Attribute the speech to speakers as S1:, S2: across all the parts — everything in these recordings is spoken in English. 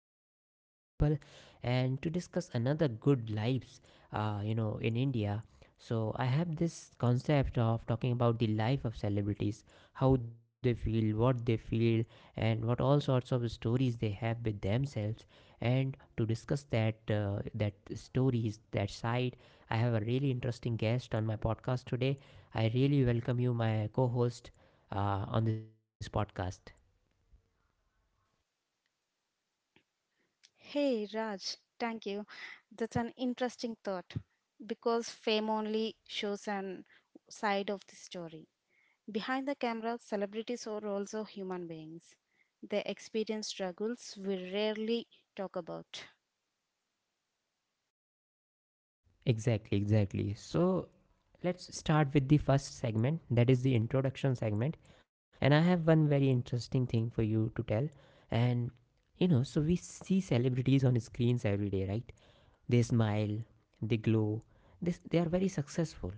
S1: good lives of people and to discuss another good lives, in India. So, I have this concept of talking about the life of celebrities, how they feel, what they feel, and what all sorts of stories they have with themselves. And to discuss that stories, that side, I have a really interesting guest on my podcast today. I really welcome you, my co host on this podcast.
S2: Hey, Raj, thank you. That's an interesting thought because fame only shows an side of the story. Behind the camera, celebrities are also human beings. They experience struggles we rarely talk about.
S1: Exactly, exactly. So let's start with the first segment, that is the introduction segment. And I have one very interesting thing for you to tell. And so we see celebrities on screens every day, right? They smile, they glow, they are very successful.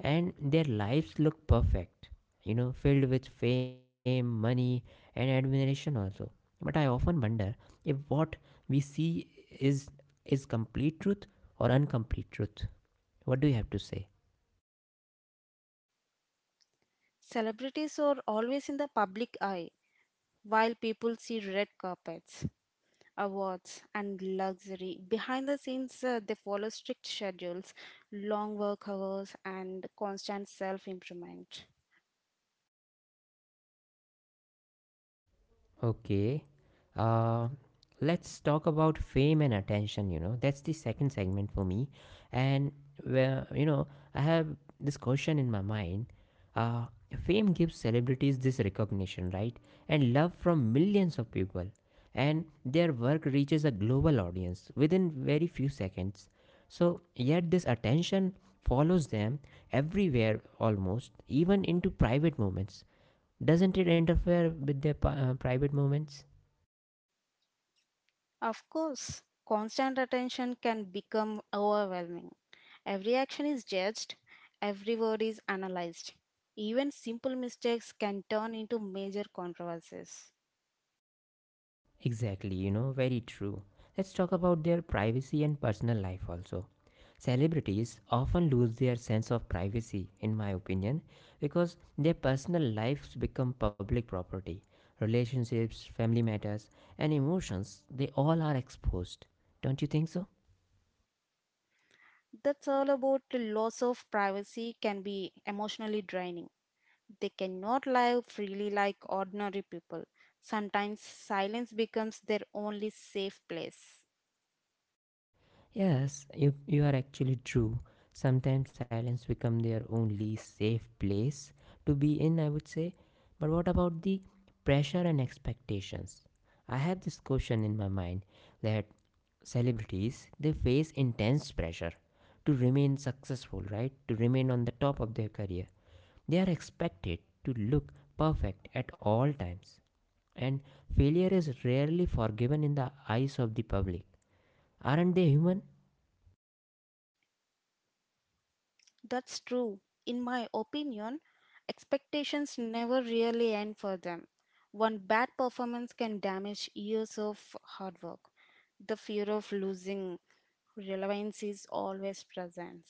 S1: And their lives look perfect, filled with fame, money, and admiration also. But I often wonder if what we see is is complete truth or incomplete truth. What do you have to say?
S2: Celebrities are always in the public eye, while people see red carpets, awards, and luxury. Behind the scenes, they follow strict schedules, long work hours, and constant self improvement.
S1: Okay. Uh, let's talk about fame and attention. That's the second segment for me. And, where, I have this question in my mind. Uh, Fame gives celebrities this recognition, right? And love from millions of people. And their work reaches a global audience within very few seconds. So, yet this attention follows them everywhere almost, even into private moments. Doesn't it interfere with their private moments?
S2: Of course, constant attention can become overwhelming. Every action is judged, every word is analyzed. Even simple mistakes can turn into major controversies.
S1: Exactly, very true. Let's talk about their privacy and personal life also. Celebrities often lose their sense of privacy, in my opinion, because their personal lives become public property. Relationships, family matters, and emotions, they all are exposed. Don't you think so?
S2: That's all about the loss of privacy can be emotionally draining. They cannot live freely like ordinary people. Sometimes silence becomes their only safe place.
S1: Yes, you are actually true. Sometimes silence become their only safe place to be in, I would say. But what about the pressure and expectations? I have this question in my mind that celebrities they face intense pressure to remain successful, right? To remain on the top of their career. They are expected to look perfect at all times. And failure is rarely forgiven in the eyes of the public. Aren't they human?
S2: That's true. In my opinion, expectations never really end for them. One bad performance can damage years of hard work. The fear of losing relevance is always present.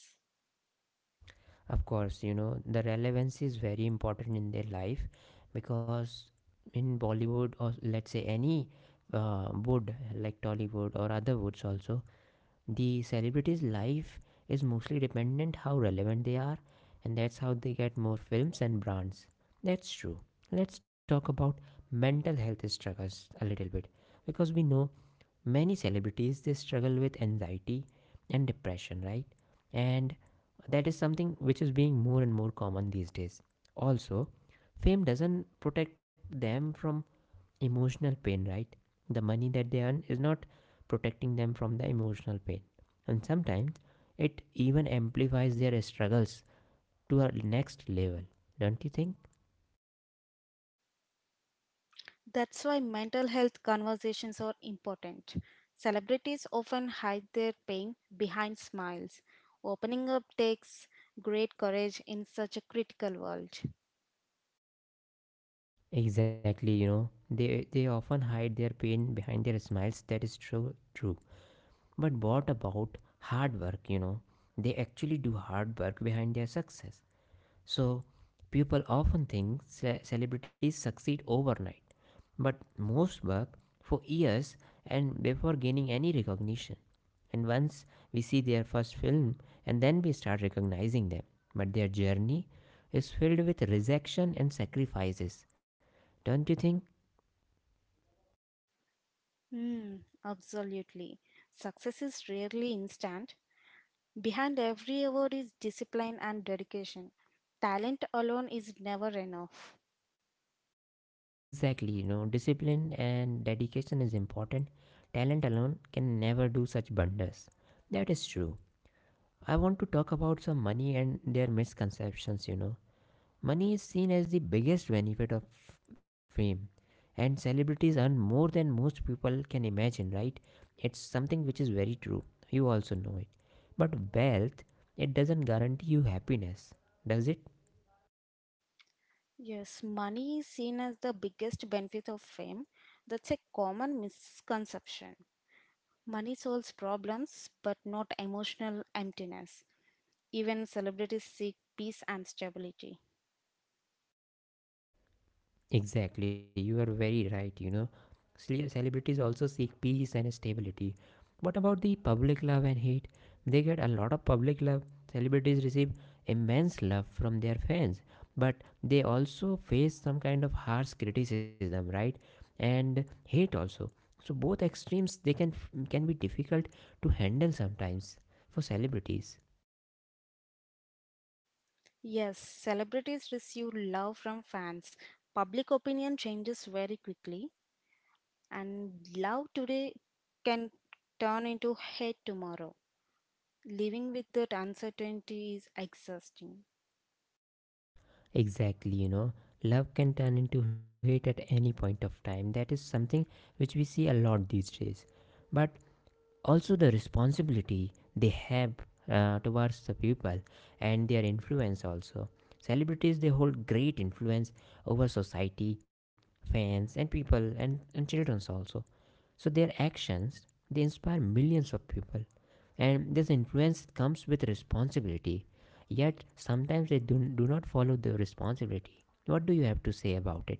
S1: Of course, the relevance is very important in their life because in Bollywood or let's say any wood like Tollywood or other woods also, the celebrity's life is mostly dependent how relevant they are and that's how they get more films and brands. That's true. Let's talk about mental health struggles a little bit because we know many celebrities they struggle with anxiety and depression, right? And that is something which is being more and more common these days. Also, fame doesn't protect them from emotional pain, right? The money that they earn is not protecting them from the emotional pain. And sometimes it even amplifies their struggles to a next level, don't you think?
S2: That's why mental health conversations are important. Celebrities often hide their pain behind smiles. Opening up takes great courage in such a critical world.
S1: Exactly, they often hide their pain behind their smiles. That is true, true. But what about hard work, you know? They actually do hard work behind their success. So, people often think celebrities succeed overnight, but most work for years and before gaining any recognition. And once we see their first film, and then we start recognizing them. But their journey is filled with rejection and sacrifices. Don't you think?
S2: Hmm, absolutely. Success is rarely instant. Behind every award is discipline and dedication. Talent alone is never enough.
S1: Exactly, discipline and dedication is important. Talent alone can never do such wonders. That is true. I want to talk about some money and their misconceptions. Money is seen as the biggest benefit of fame, and celebrities earn more than most people can imagine, right? It's something which is very true. You also know it. But wealth, it doesn't guarantee you happiness, does it?
S2: Yes, money is seen as the biggest benefit of fame. That's a common misconception. Money solves problems, but not emotional emptiness. Even celebrities seek peace and stability.
S1: Exactly, you are very right. Celebrities also seek peace and stability. What about the public love and hate? They get a lot of public love. Celebrities receive immense love from their fans, but they also face some kind of harsh criticism, right? And hate also. So both extremes they can be difficult to handle sometimes for celebrities.
S2: Yes, celebrities receive love from fans. Public opinion changes very quickly, and love today can turn into hate tomorrow. Living with that uncertainty is exhausting.
S1: Exactly, love can turn into hate at any point of time. That is something which we see a lot these days. But also the responsibility they have towards the people and their influence also. Celebrities they hold great influence over society, fans and people and children also. So their actions they inspire millions of people and this influence comes with responsibility. Yet sometimes they do not follow the responsibility. What do you have to say about it?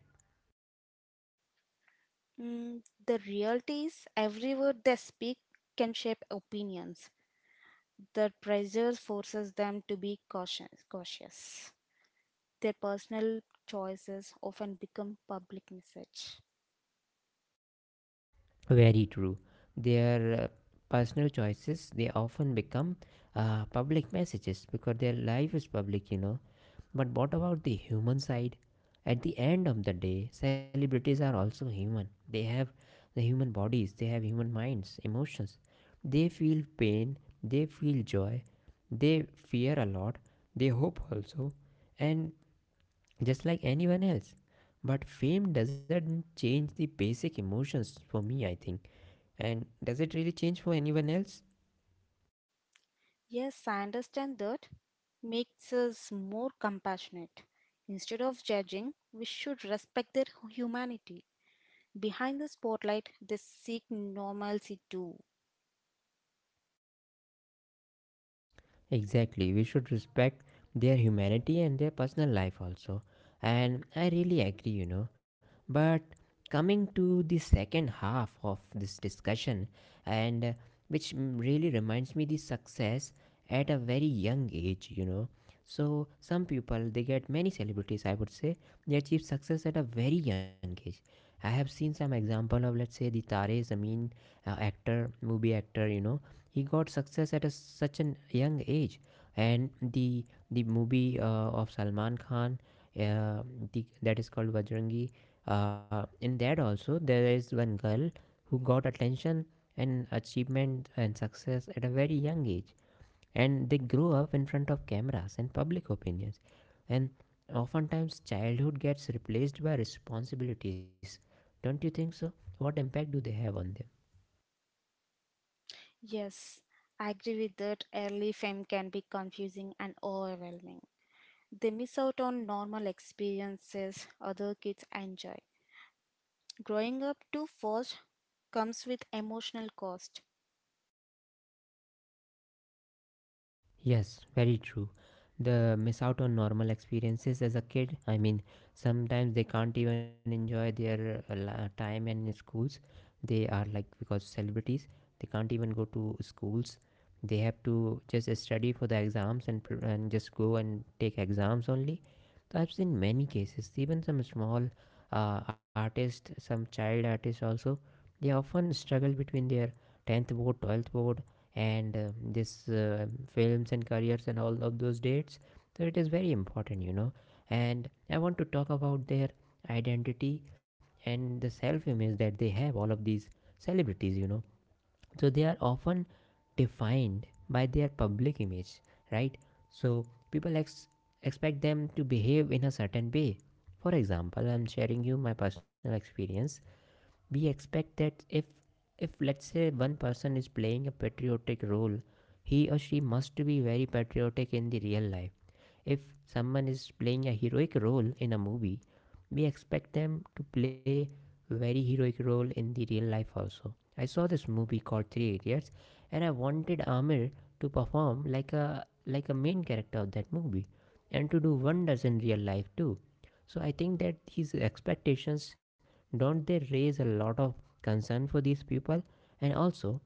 S2: Mm, the reality is, every word they speak can shape opinions. The pressure forces them to be cautious. Cautious. Their personal choices often become public message.
S1: Very true. Their personal choices they often become public messages because their life is public. But what about the human side? At the end of the day, celebrities are also human. They have the human bodies, they have human minds, emotions. They feel pain, they feel joy, they fear a lot, they hope also, and just like anyone else. But fame doesn't change the basic emotions for me, I think. And does it really change for anyone else?
S2: Yes, I understand that makes us more compassionate. Instead of judging, we should respect their humanity. Behind the spotlight, they seek normalcy too.
S1: Exactly, we should respect their humanity and their personal life also. And I really agree. But coming to the second half of this discussion, and uh, really reminds me the success at a very young age. So some people they get many celebrities, I would say, they achieve success at a very young age. I have seen some example of let's say the Tare Zameen actor, movie actor, he got success at such a young age and the movie of Salman Khan, uh, that is called Vajrangi. In that also there is one girl who got attention and achievement and success at a very young age. And they grow up in front of cameras and public opinions. And oftentimes childhood gets replaced by responsibilities. Don't you think so? What impact do they have on
S2: Yes, I agree with that. Early fame can be confusing and overwhelming. They miss out on normal experiences other kids enjoy. Growing up too fast comes with emotional cost.
S1: Yes, very true. The miss out on normal experiences as a kid. I mean, sometimes they can't even enjoy their time in schools. They are like because celebrities, they can't even go to schools. They have to just study for the exams and just go and take exams only. So I've seen many cases. Even some small artists, some child artists also, they often struggle between their 10th board, 12th board, and this films and careers and all of those dates. So it is very important, and I want to talk about their identity and the self image that they have, all of these celebrities, so they are often defined by their public image, right? So people expect them to behave in a certain way. For example, I'm sharing you my personal experience. We expect that if let's say one person is playing a patriotic role, he or she must be very patriotic in the real life. If someone is playing a heroic role in a movie, we expect them to play very heroic role in the real life also. I saw this movie called Three Idiots, and I wanted Amir to perform like a main character of that movie and to do wonders in real life too. So I think that his expectations, don't they raise a lot of concern for these people? And also,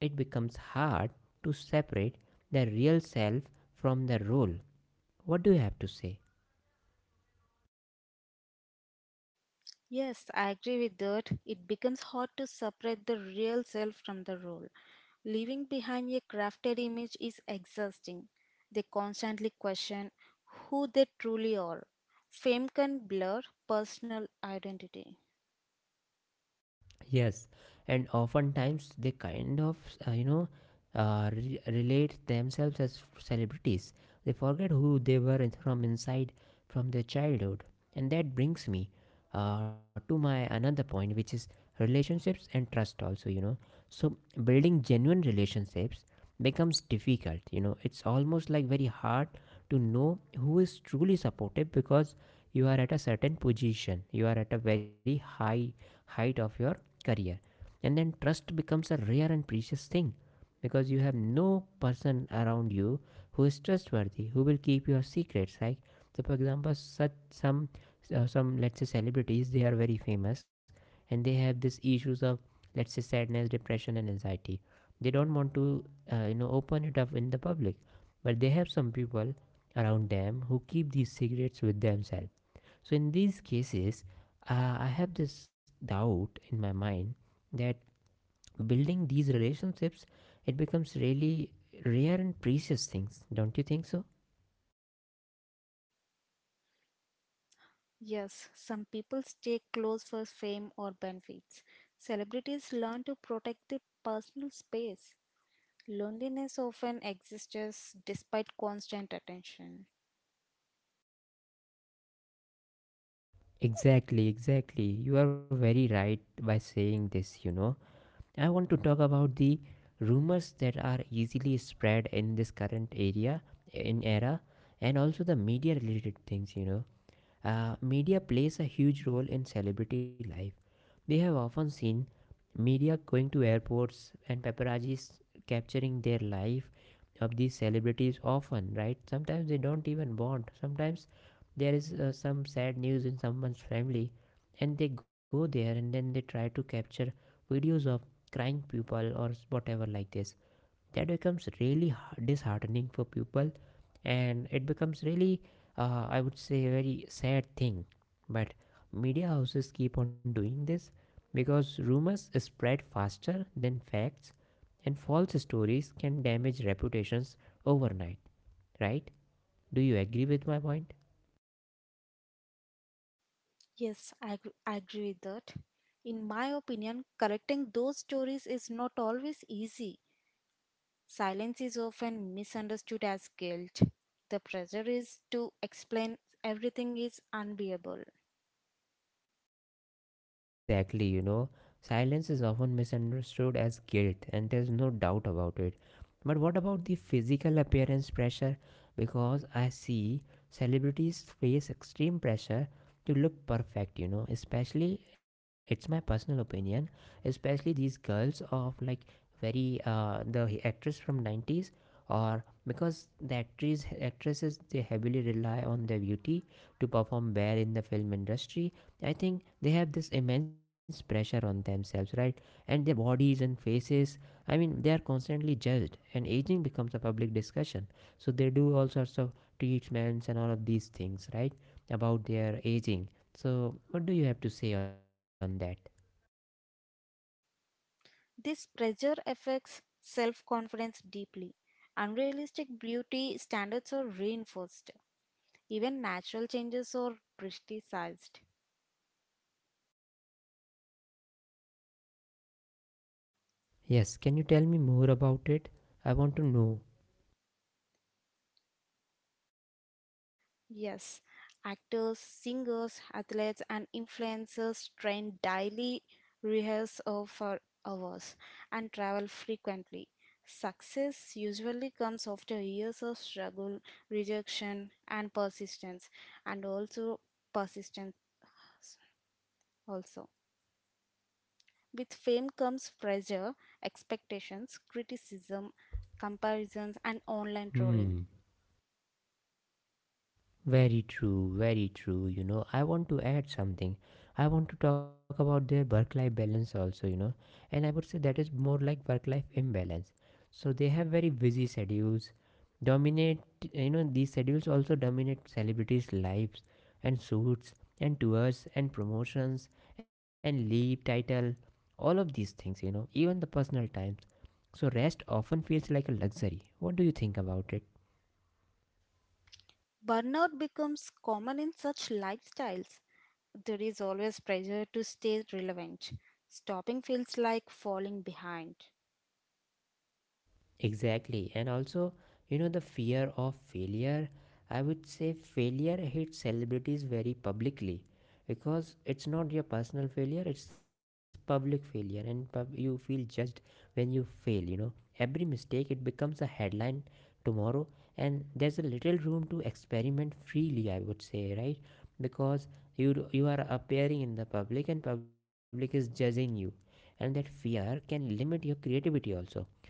S1: it becomes hard to separate the real self from the role. What do you have to say?
S2: Yes, I agree with that. It becomes hard to separate the real self from the role. Leaving behind a crafted image is exhausting. They constantly question who they truly are. Fame can blur personal identity.
S1: Yes, and oftentimes they kind of, uh, you know, relate themselves as celebrities. They forget who they were from inside, from their childhood. And that brings me to my another point, which is relationships and trust, also. So, building genuine relationships becomes difficult. It's almost like very hard to know who is truly supportive, because you are at a certain position, you are at a very high height of your career, and then trust becomes a rare and precious thing because you have no person around you who is trustworthy, who will keep your secrets. Like, so for example such some let's say celebrities, they are very famous and they have these issues of let's say sadness, depression and anxiety, they don't want to open it up in the public, but they have some people around them who keep these secrets with themselves. So in these cases, I have this doubt in my mind that building these relationships, it becomes really rare and precious things. Don't you think so?
S2: Yes, some people stay close for fame or benefits. Celebrities learn to protect their personal space. Loneliness often exists despite constant attention.
S1: Exactly, exactly. You are very right by saying this. I want to talk about the rumors that are easily spread in this current area, in era, and also the media related things. Media plays a huge role in celebrity life. We have often seen media going to airports and paparazzis capturing their life of these celebrities often, right? Sometimes they don't even bond. Sometimes there is some sad news in someone's family, and they go there and then they try to capture videos of crying people or whatever like this. That becomes really disheartening for people, and it becomes really I would say a very sad thing. But media houses keep on doing this because rumors spread faster than facts, and false stories can damage reputations overnight, right? Do you agree with my point?
S2: Yes, I agree with that. In my opinion, correcting those stories is not always easy. Silence is often misunderstood as guilt. The pressure is to explain everything is unbearable.
S1: Exactly, you know, silence is often misunderstood as guilt, and there's no doubt about it. But what about the physical appearance pressure? Because I see celebrities face extreme pressure to look perfect, you know, especially, it's my personal opinion, especially these girls of like very, the actress from 90s. Or because the actress actresses, they heavily rely on their beauty to perform well in the film industry. I think they have this immense pressure on themselves, right? And their bodies and faces, I mean, they are constantly judged, and aging becomes a public discussion. So they do all sorts of treatments and all of these things, right? About their aging. So, what do you have to say on that?
S2: This pressure affects self confidence deeply. Unrealistic beauty standards are reinforced. Even natural changes are criticized.
S1: Yes, can you tell me more about it? I want to know.
S2: Yes, actors, singers, athletes, and influencers train daily, rehearse for hours, and travel frequently. Success usually comes after years of struggle, rejection, and persistence, and persistence also. With fame comes pressure, expectations, criticism, comparisons, and online trolling.
S1: Hmm. Very true, very true. You know, I want to add something. I want to talk about their work life balance also, you know, and I would say that is more like work life imbalance. So they have very busy schedules, dominate, you know, these schedules also dominate celebrities' lives and suits and tours and promotions and leave title, all of these things, you know, even the personal times. So rest often feels like a luxury. What do you think about it?
S2: Burnout becomes common in such lifestyles. There is always pressure to stay relevant. Stopping feels like falling behind.
S1: Exactly. And also, you know, the fear of failure. I would say failure hits celebrities very publicly because it's not your personal failure, it's public failure, and you feel judged when you fail, you know. Every mistake, it becomes a headline tomorrow, and there's a little room to experiment freely, I would say, right? Because you are appearing in the public and public is judging you, and that fear can limit your creativity also,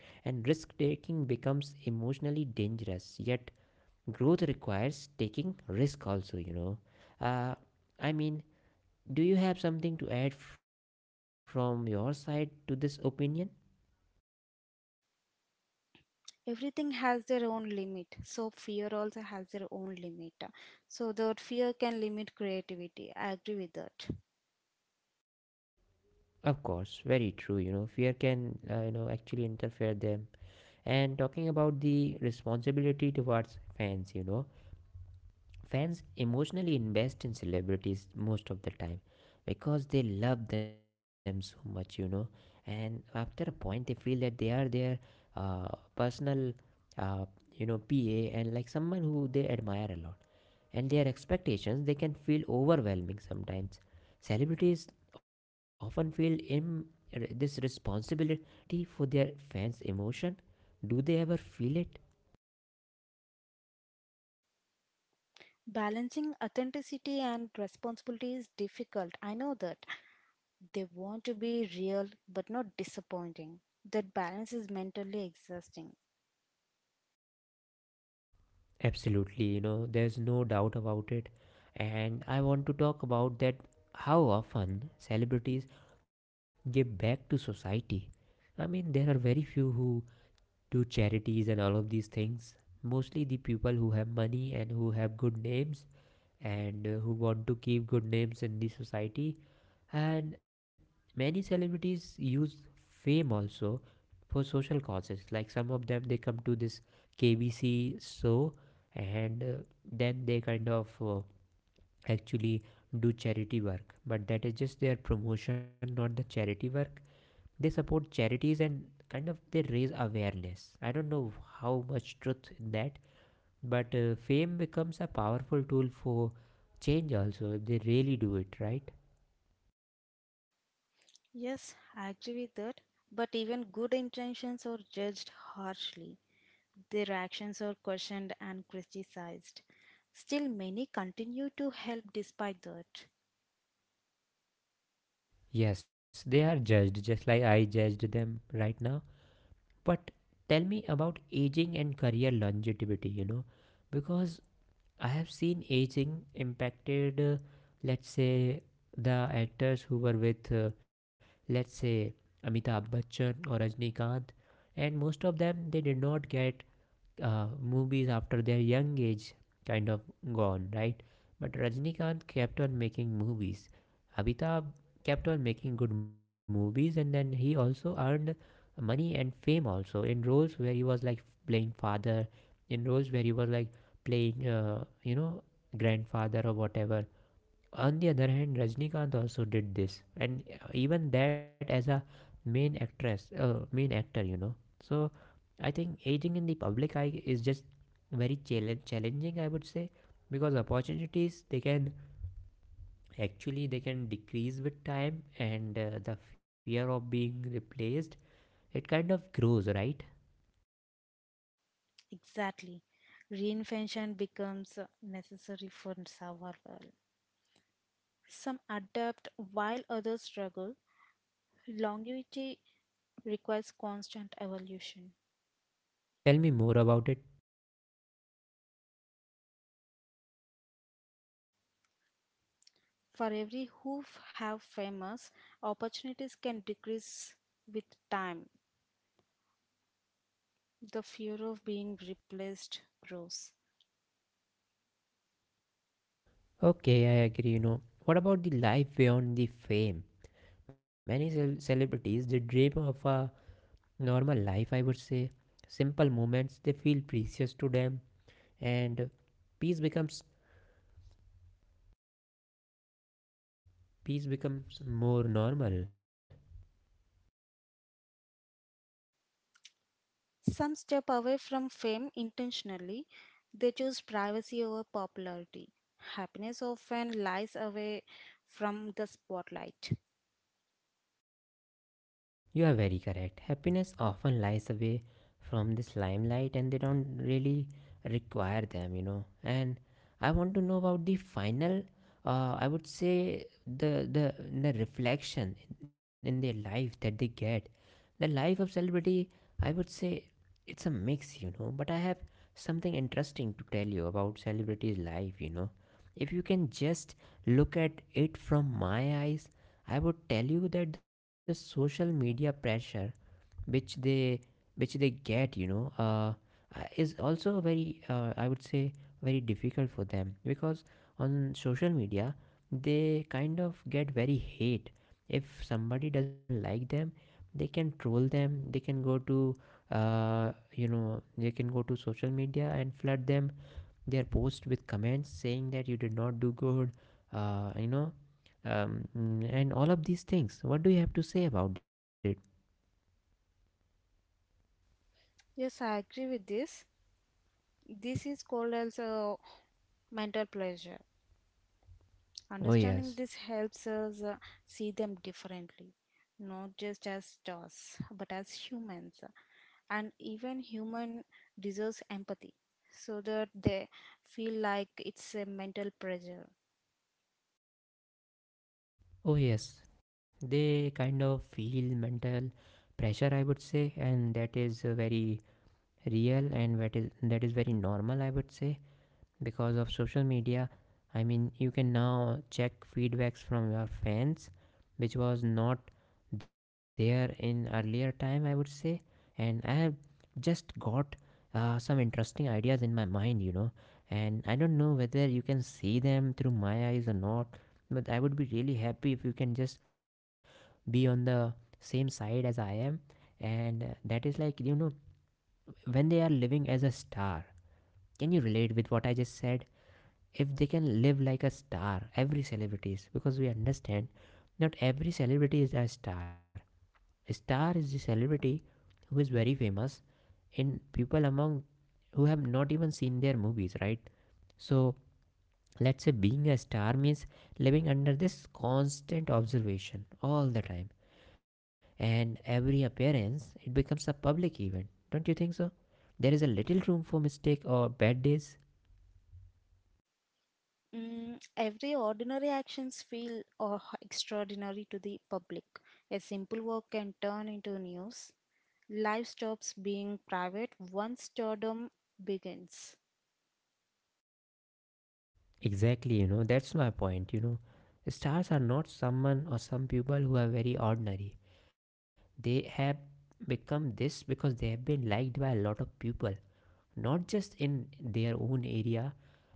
S1: and risk taking becomes emotionally dangerous. Yet growth requires taking risk also, you know. uh, I mean, do you have something to add from your side to this opinion?
S2: Everything has their own limit, so fear also has their own limit. So that fear can limit creativity. I agree with that.
S1: Of course, very true. You know, fear can, you know, actually interfere them. And talking about the responsibility towards fans, you know, fans emotionally invest in celebrities most of the time because they love them so much, you know. And after a point, they feel that they are their uh, personal, uh, you know, PA and like someone who they admire a lot. And their expectations, they can feel overwhelming sometimes. Celebrities often feel in this responsibility for their fans emotion. Do they ever feel it?
S2: Balancing authenticity and responsibility is difficult. I know that. They want to be real but not disappointing. That balance is mentally exhausting.
S1: Absolutely, you know, there's no doubt about it. And I want to talk about that, how often celebrities give back to society. I mean, there are very few who do charities and all of these things. Mostly the people who have money and who have good names and who want to keep good names in the society, and many celebrities use fame also for social causes. Like some of them, they come to this KBC show and then they kind of actually do charity work. But that is just their promotion, not the charity work. They support charities and kind of they raise awareness. I don't know how much truth in that, but fame becomes a powerful tool for change also if they really do it right.
S2: Yes, I agree with that. But even good intentions are judged harshly. Their actions are questioned and criticized. Still, many continue to help despite that.
S1: Yes, they are judged just like I judged them right now. But tell me about aging and career longevity, you know, because I have seen aging impacted, let's say, the actors who were with, let's say, Amitabh Bachchan or Rajnikant, and most of them, they did not get movies after their young age kind of gone, right? But Rajnikant kept on making movies. Amitabh kept on making good movies, and then he also earned money and fame also in roles where he was like playing father, in roles where he was like playing, you know, grandfather or whatever. On the other hand, Rajnikant also did this, and even that as a main actress, main actor, you know. So I think aging in the public eye is just very challenge challenging, I would say, because opportunities, they can actually they can decrease with time, and the fear of being replaced, it kind of grows, right?
S2: Exactly. Reinvention becomes necessary for survival. Some adapt while others struggle. Longevity requires constant evolution.
S1: Tell me more about it.
S2: For every who have famous, opportunities can decrease with time. The fear of being replaced grows.
S1: Okay, I agree. You know, what about the life beyond the fame? Many celebrities, they dream of a normal life, I would say. Simple moments, they feel precious to them, and peace becomes peace becomes more normal.
S2: Some step away from fame intentionally. They choose privacy over popularity. Happiness often lies away from the spotlight.
S1: You are very correct. Happiness often lies away from this limelight and they don't really require them, you know. And I want to know about the final I would say the reflection in their life that they get. The life of celebrity, I would say it's a mix, you know, but I have something interesting to tell you about celebrity's life, you know. If you can just look at it from my eyes, I would tell you that the social media pressure which they which they get, you know, is also very I would say very difficult for them because on social media they kind of get very hate. If somebody doesn't like them, they can troll them. They can go to you know, they can go to social media and flood them their post with comments saying that you did not do good, you know, and all of these things. What do you have to say about it?
S2: Yes, I agree with this. This is called as mental pleasure.
S1: Oh,
S2: Understanding
S1: yes.
S2: this helps us see them differently, not just as stars, but as humans. And even human deserves empathy so that they feel like it's a mental pressure.
S1: Oh, yes. They kind of feel mental pressure, I would say, and that is very real, and that is very normal, I would say. Because of social media, I mean, you can now check feedbacks from your fans, which was not there in earlier time, I would say. And I have just got some interesting ideas in my mind, you know, and I don't know whether you can see them through my eyes or not, but I would be really happy if you can just be on the same side as I am. And that is like, you know, when they are living as a star, can you relate with what I just said? If they can live like a star, every celebrities, because we understand not every celebrity is a star. A star is the celebrity who is very famous in people among who have not even seen their movies, right? So let's say being a star means living under this constant observation all the time, and every appearance, it becomes a public event. Don't you think so? There is a little room for mistake or bad days.
S2: Mm, every ordinary actions feel or extraordinary to the public. A simple work can turn into news. Life stops being private once stardom begins.
S1: Exactly, you know, that's my point. You know, stars are not someone or some people who are very ordinary. They have become this because they have been liked by a lot of people, not just in their own area,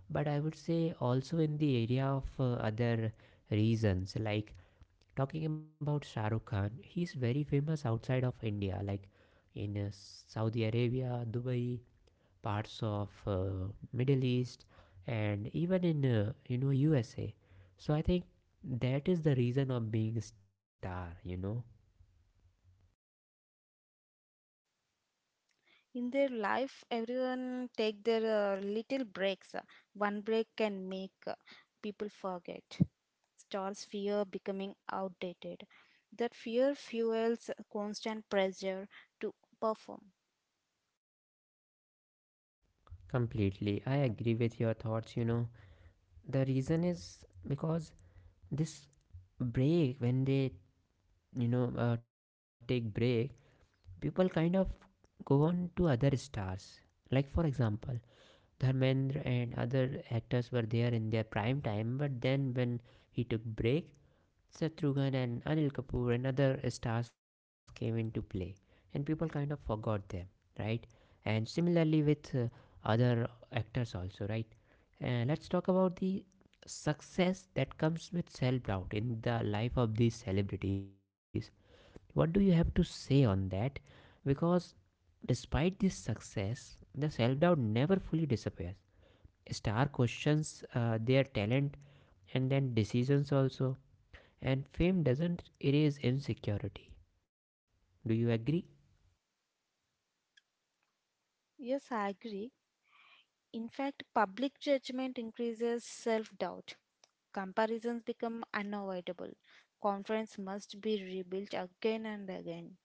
S1: but I would say also in the area of other reasons. Like talking about Shah Rukh Khan, he's very famous outside of India, like in Saudi Arabia, Dubai, parts of Middle East, and even in you know, USA. So I think that is the reason of being a star. You know,
S2: In their life everyone take their little breaks, one break can make people forget. Stars fear becoming outdated. That fear fuels constant pressure to perform.
S1: completely. I agree with your thoughts. You know, the reason is because this break, when they you know take break, people kind of go on to other stars. Like for example, Dharmendra and other actors were there in their prime time, but then when he took break, Seth Rogen and Anil Kapoor and other stars came into play, and people kind of forgot them, right? And similarly with other actors also, right? Let's talk about the success that comes with self-doubt in the life of these celebrities. What do you have to say on that? Because despite this success, the self-doubt never fully disappears. Star questions their talent and then decisions also, and fame doesn't erase insecurity. Do you agree?
S2: Yes, I agree. In fact public judgment increases self doubt. Comparisons become unavoidable. Confidence must be rebuilt again and again.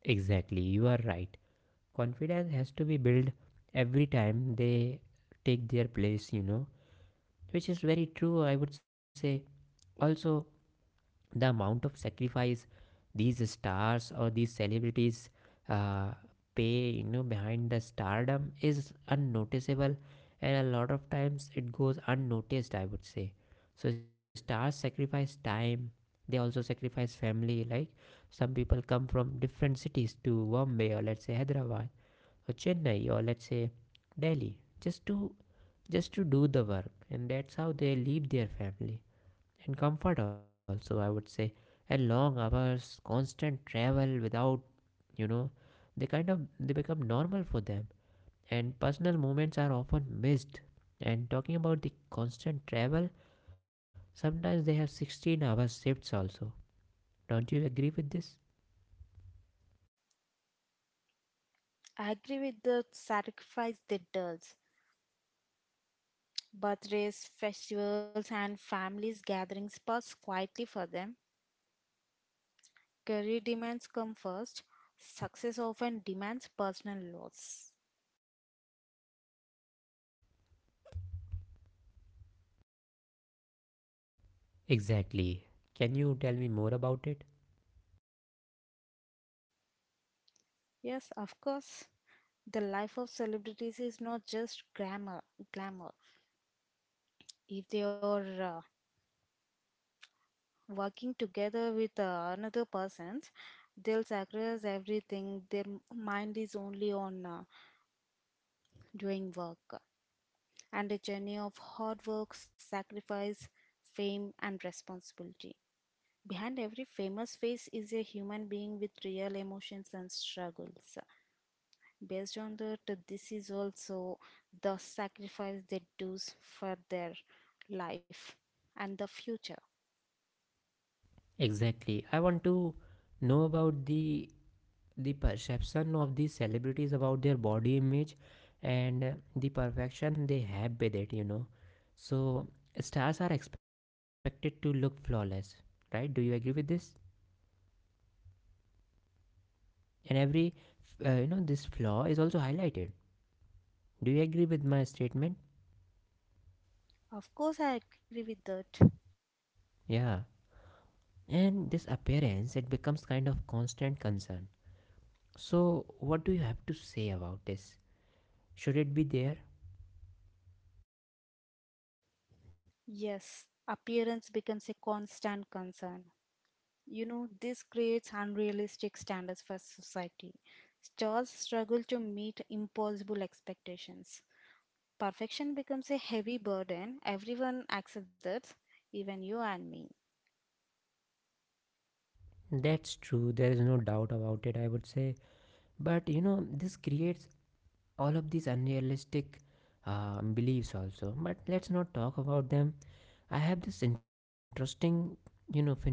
S1: Exactly, you are right. Confidence has to be built every time they take their place, you know, which is very true, I would say. Also, the amount of sacrifice these stars or these celebrities uh, pay behind the stardom is unnoticeable, and a lot of times it goes unnoticed, I would say. So stars sacrifice time, they also sacrifice family. Like some people come from different cities to Bombay, or let's say Hyderabad or Chennai, or let's say Delhi, just to do the work, and that's how they leave their family and comfort also, I would say. And long hours, constant travel without, you know they kind of they become normal for them, and personal moments are often missed. And talking about the constant travel, sometimes they have 16-hour shifts also. Don't you agree with this?
S2: I agree with the sacrifice that does. Birthdays, festivals, and families gatherings pass quietly for them. Career demands come first. Success often demands personal loss.
S1: Exactly, can you tell me more about it?
S2: Yes, of course. The life of celebrities is not just glamour. Glamour. If they are working together with another person, they'll sacrifice everything. Their mind is only on doing work, and a journey of hard work, sacrifice, fame, and responsibility. Behind every famous face is a human being with real emotions and struggles. Based on that, this is also the sacrifice they do for their life and the future.
S1: Exactly, I want to know about the perception of these celebrities about their body image and the perfection they have with it, you know. So stars are expected to look flawless, right? Do you agree with this? And every this flaw is also highlighted. Do you agree with my statement?
S2: Of course, I agree with that.
S1: Yeah. And this appearance, it becomes kind of constant concern. So what do you have to say about this? Should it be there?
S2: Yes, appearance becomes a constant concern. You know, this creates unrealistic standards for society. Stars struggle to meet impossible expectations. Perfection becomes a heavy burden. Everyone accepts that, even you and me.
S1: That's true, there is no doubt about it, I would say. But you know, this creates all of these unrealistic beliefs also, but let's not talk about them. I have this interesting, phenomena,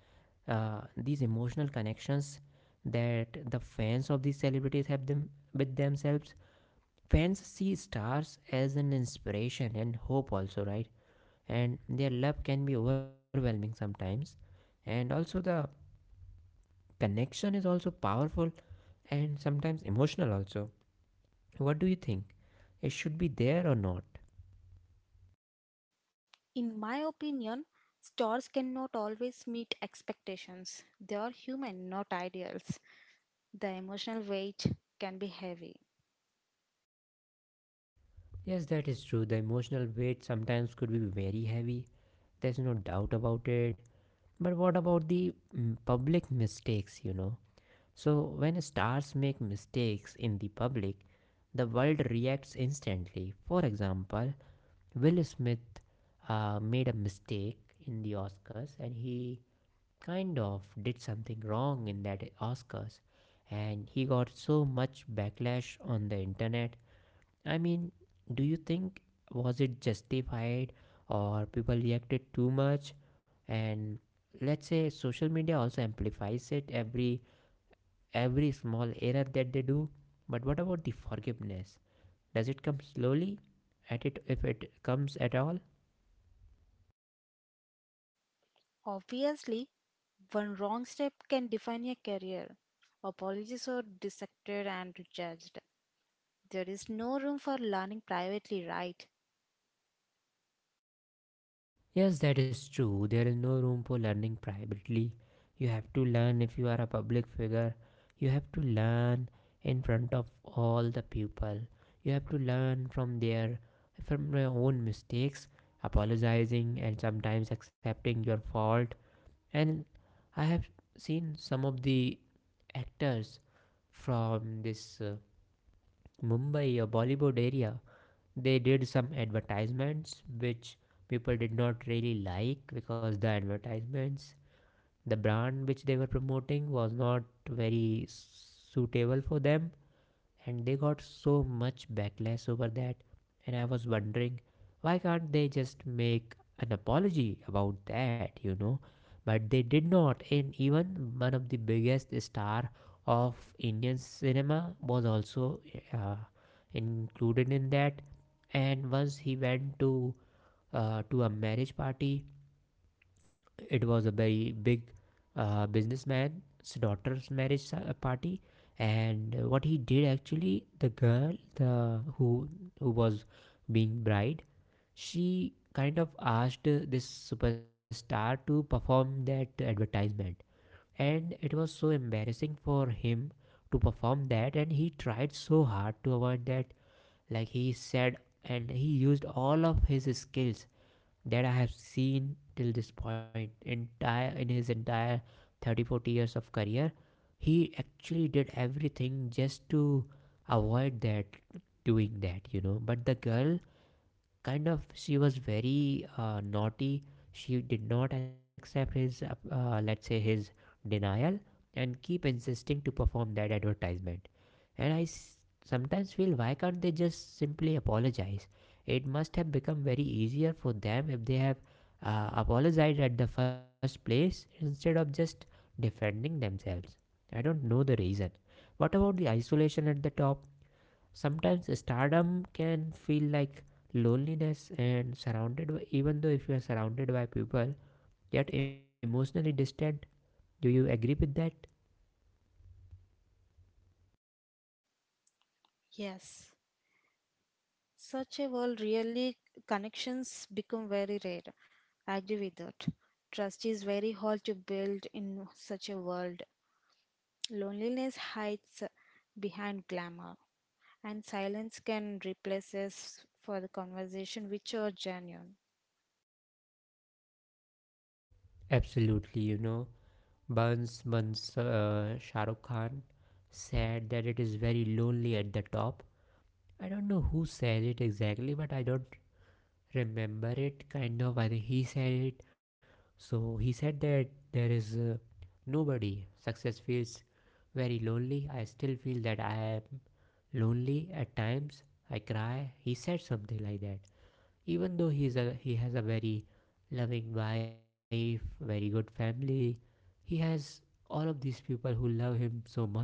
S1: these emotional connections that the fans of these celebrities have them with themselves. Fans see stars as an inspiration and hope also, right? And their love can be overwhelming sometimes. And also the connection is also powerful, and sometimes emotional also. What do you think, it should be there or not?
S2: In my opinion, stars cannot always meet expectations. They are human, not ideals. The emotional weight can be heavy.
S1: Yes, that is true. The emotional weight sometimes could be very heavy. There's no doubt about it. But what about the public mistakes, you know? So, when stars make mistakes in the public, the world reacts instantly. For example, Will Smith made a mistake in the Oscars, and he kind of did something wrong in that Oscars. And he got so much backlash on the internet. I mean, do you think, was it justified, or people reacted too much? And let's say social media also amplifies it every small error that they do. But what about the forgiveness? Does it come slowly? At it if it comes at all?
S2: Obviously, one wrong step can define a career. Apologies are dissected and judged. There is no room for learning privately, right?
S1: Yes, that is true. There is no room for learning privately. You have to learn if you are a public figure. You have to learn in front of all the people. You have to learn from their from your own mistakes, apologizing and sometimes accepting your fault. And I have seen some of the actors from this Mumbai or Bollywood area. They did some advertisements which people did not really like, because the advertisements, the brand which they were promoting was not very suitable for them, and they got so much backlash over that. And I was wondering, why can't they just make an apology about that, you know? But they did not. And even one of the biggest star of Indian cinema was also uh, included in that. And once he went to to a marriage party. It was a very big businessman's daughter's marriage party. And what he did actually, the girl, the who was being bride, she kind of asked this superstar to perform that advertisement, and it was so embarrassing for him to perform that. And he tried so hard to avoid that, like he said, and he used all of his skills that I have seen till this point, entire in his entire 30 40 years of career. He actually did everything just to avoid that doing that, you know. But the girl, she was very naughty. She did not accept his let's say his denial, and keep insisting to perform that advertisement. And sometimes feel, why can't they just simply apologize? It must have become very easier for them if they have apologized at the first place, instead of just defending themselves. I don't know the reason. What about the isolation at the top? Sometimes stardom can feel like loneliness, and surrounded by, even though if you are surrounded by people, yet emotionally distant. Do you agree with that?
S2: Yes. Such a world really connections become very rare. I agree with that. Trust is very hard to build in such a world. Loneliness hides behind glamour, and silence can replace us for the conversation which are genuine.
S1: Absolutely, you know, burns once, Shah Rukh Khan said that it is very lonely at the top. I don't know who said it exactly, but I don't remember it, kind of, I think he said it. So he said that there is, nobody, success feels very lonely. I still feel that I am lonely at times, I cry, he said something like that. Even though he has a very loving wife, very good family, he has all of these people who love him so much,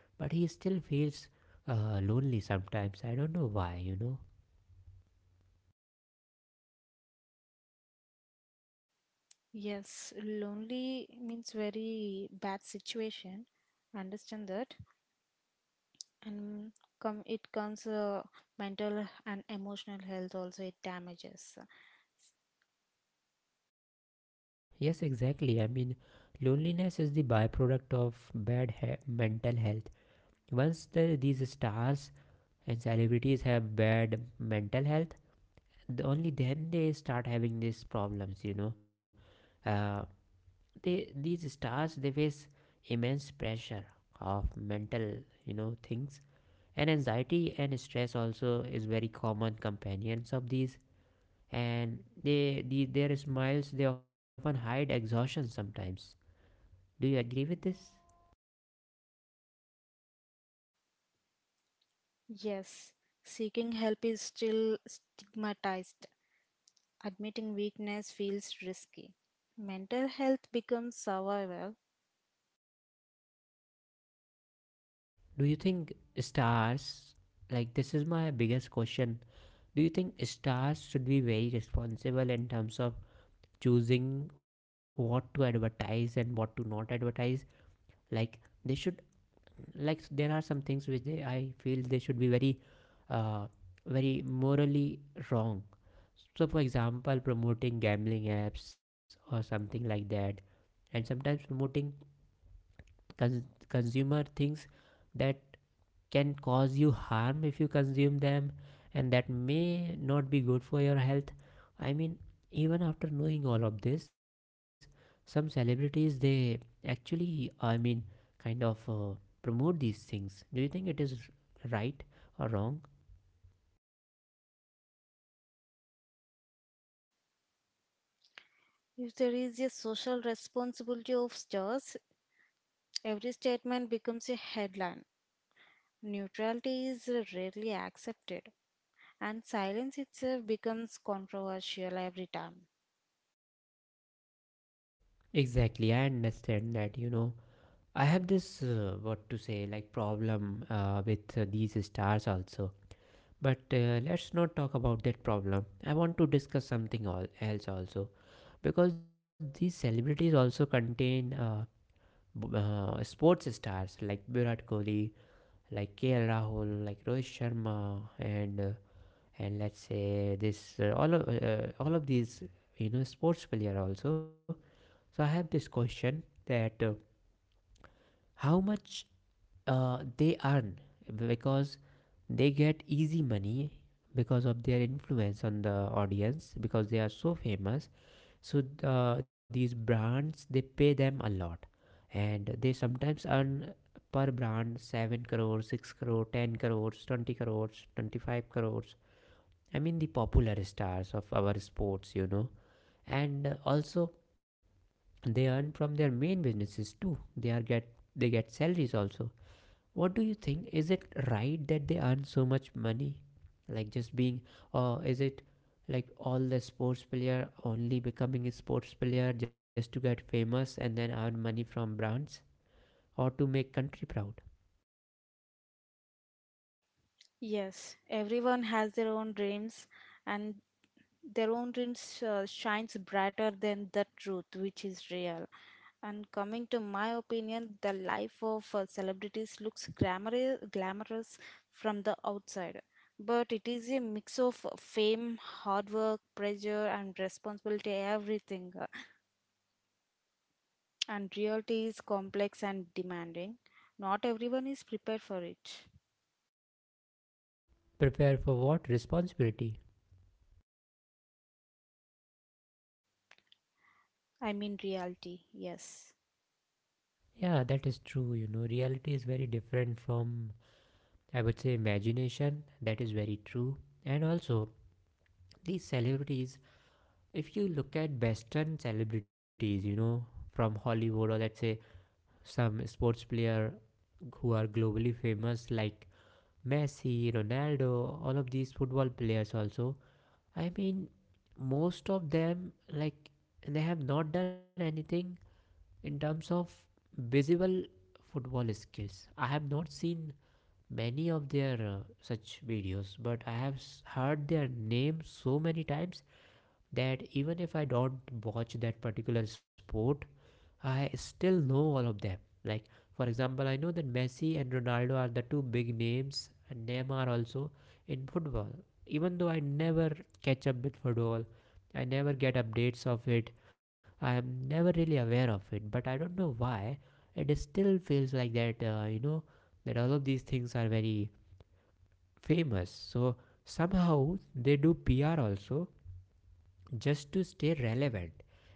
S1: but he still feels lonely sometimes. I don't know why, you know.
S2: Yes, lonely means very bad situation. Understand that, and come it comes mental and emotional health also it damages.
S1: Yes, exactly. I mean, loneliness is the byproduct of bad mental health. Once these stars and celebrities have bad mental health, only then they start having these problems. You know, uh, they, these stars, they face immense pressure of mental, you know, things. And anxiety and stress also is very common companions of these. And they, their smiles, they often hide exhaustion sometimes. Do you agree with this?
S2: Yes, seeking help is still stigmatized. Admitting weakness feels risky. Mental health becomes survival.
S1: Do you think stars, like this is my biggest question, do you think stars should be very responsible in terms of choosing what to advertise and what to not advertise? Like they should, like there are some things which they, I feel they should be very, uh, very morally wrong. So, for example, promoting gambling apps or something like that, and sometimes promoting cons- consumer things that can cause you harm if you consume them, and that may not be good for your health. I mean, even after knowing all of this, some celebrities, they actually, I mean, kind of promote these things. Do you think it is right or wrong?
S2: If there is a social responsibility of stars, every statement becomes a headline. Neutrality is rarely accepted, and silence itself becomes controversial every time.
S1: Exactly, I understand that, you know. I have this what to say, like, problem with these stars also. But let's not talk about that problem. I want to discuss something all else also, because these celebrities also contain sports stars like Virat Kohli, like KL Rahul, like Rohit Sharma, and and let's say this, all of these, you know, sports player also. So I have this question that how much they earn, because they get easy money, because of their influence on the audience, because they are so famous. So these brands, they pay them a lot, and they sometimes earn per brand 7 crores, 6 crore, 10 crores, 20 crores, 25 crores. I mean, the popular stars of our sports, you know. And also they earn from their main businesses too. They get salaries also. What do you think? Is it right that they earn so much money? Like just being, or is it like all the sports player only becoming a sports player just to get famous and then earn money from brands, or to make country proud?
S2: Yes, everyone has their own dreams, and their own dreams shines brighter than the truth, which is real. And coming to my opinion, the life of celebrities looks glamorous from the outside, but it is a mix of fame, hard work, pressure, and responsibility, everything. And reality is complex and demanding. Not everyone is prepared for it.
S1: Prepare for what? Responsibility.
S2: I mean, reality, yes.
S1: Yeah, that is true. You know, reality is very different from, I would say, imagination. That is very true. And also, these celebrities, if you look at Western celebrities, you know, from Hollywood, or let's say some sports player who are globally famous like Messi, Ronaldo, all of these football players also. I mean, most of them, like, they have not done anything in terms of visible football skills. I have not seen many of their such videos, but I have heard their name so many times that even if I don't watch that particular sport, I still know all of them. Like, for example, I know that Messi and Ronaldo are the two big names, and Neymar also in football. Even though I never catch up with football, I never get updates of it, I am never really aware of it, but I don't know why. It still feels like that, you know, that all of these things are very famous. So somehow they do PR also, just to stay relevant.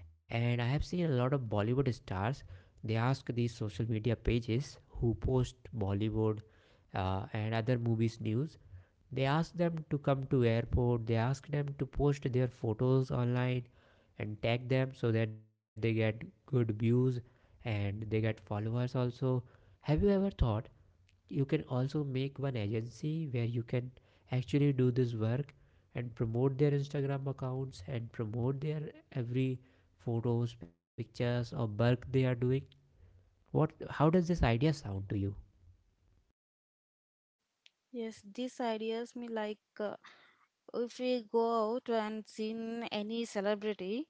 S1: And I have seen a lot of Bollywood stars, they ask these social media pages who post Bollywood and other movies news. They ask them to come to airport, they ask them to post their photos online and tag them so that they get good views and they get followers also. Have you ever thought you can also make one agency where you can actually do this work and promote their Instagram accounts and promote their every photos, pictures, or work they are doing? What, how does this idea sound to you?
S2: Yes, these ideas me like, if we go out and seen any celebrity,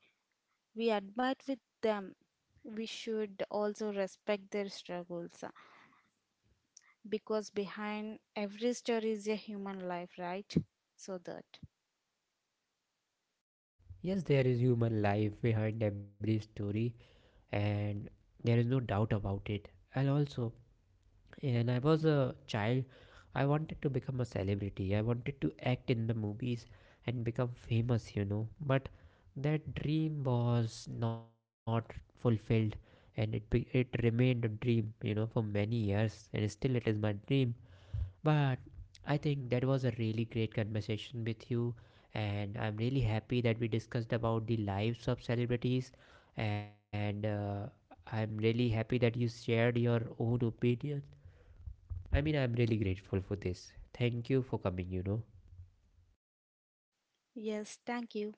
S2: we admire with them. We should also respect their struggles because behind every story is a human life, right? So that.
S1: Yes, there is human life behind every story, and there is no doubt about it. And also, when I was a child, I wanted to become a celebrity. I wanted to act in the movies and become famous, you know. But that dream was not fulfilled, and it remained a dream, you know, for many years, and still it is my dream. But I think that was a really great conversation with you, and I'm really happy that we discussed about the lives of celebrities, and I'm really happy that you shared your own opinion. I mean, I'm really grateful for this. Thank you for coming, you know.
S2: Yes, thank you.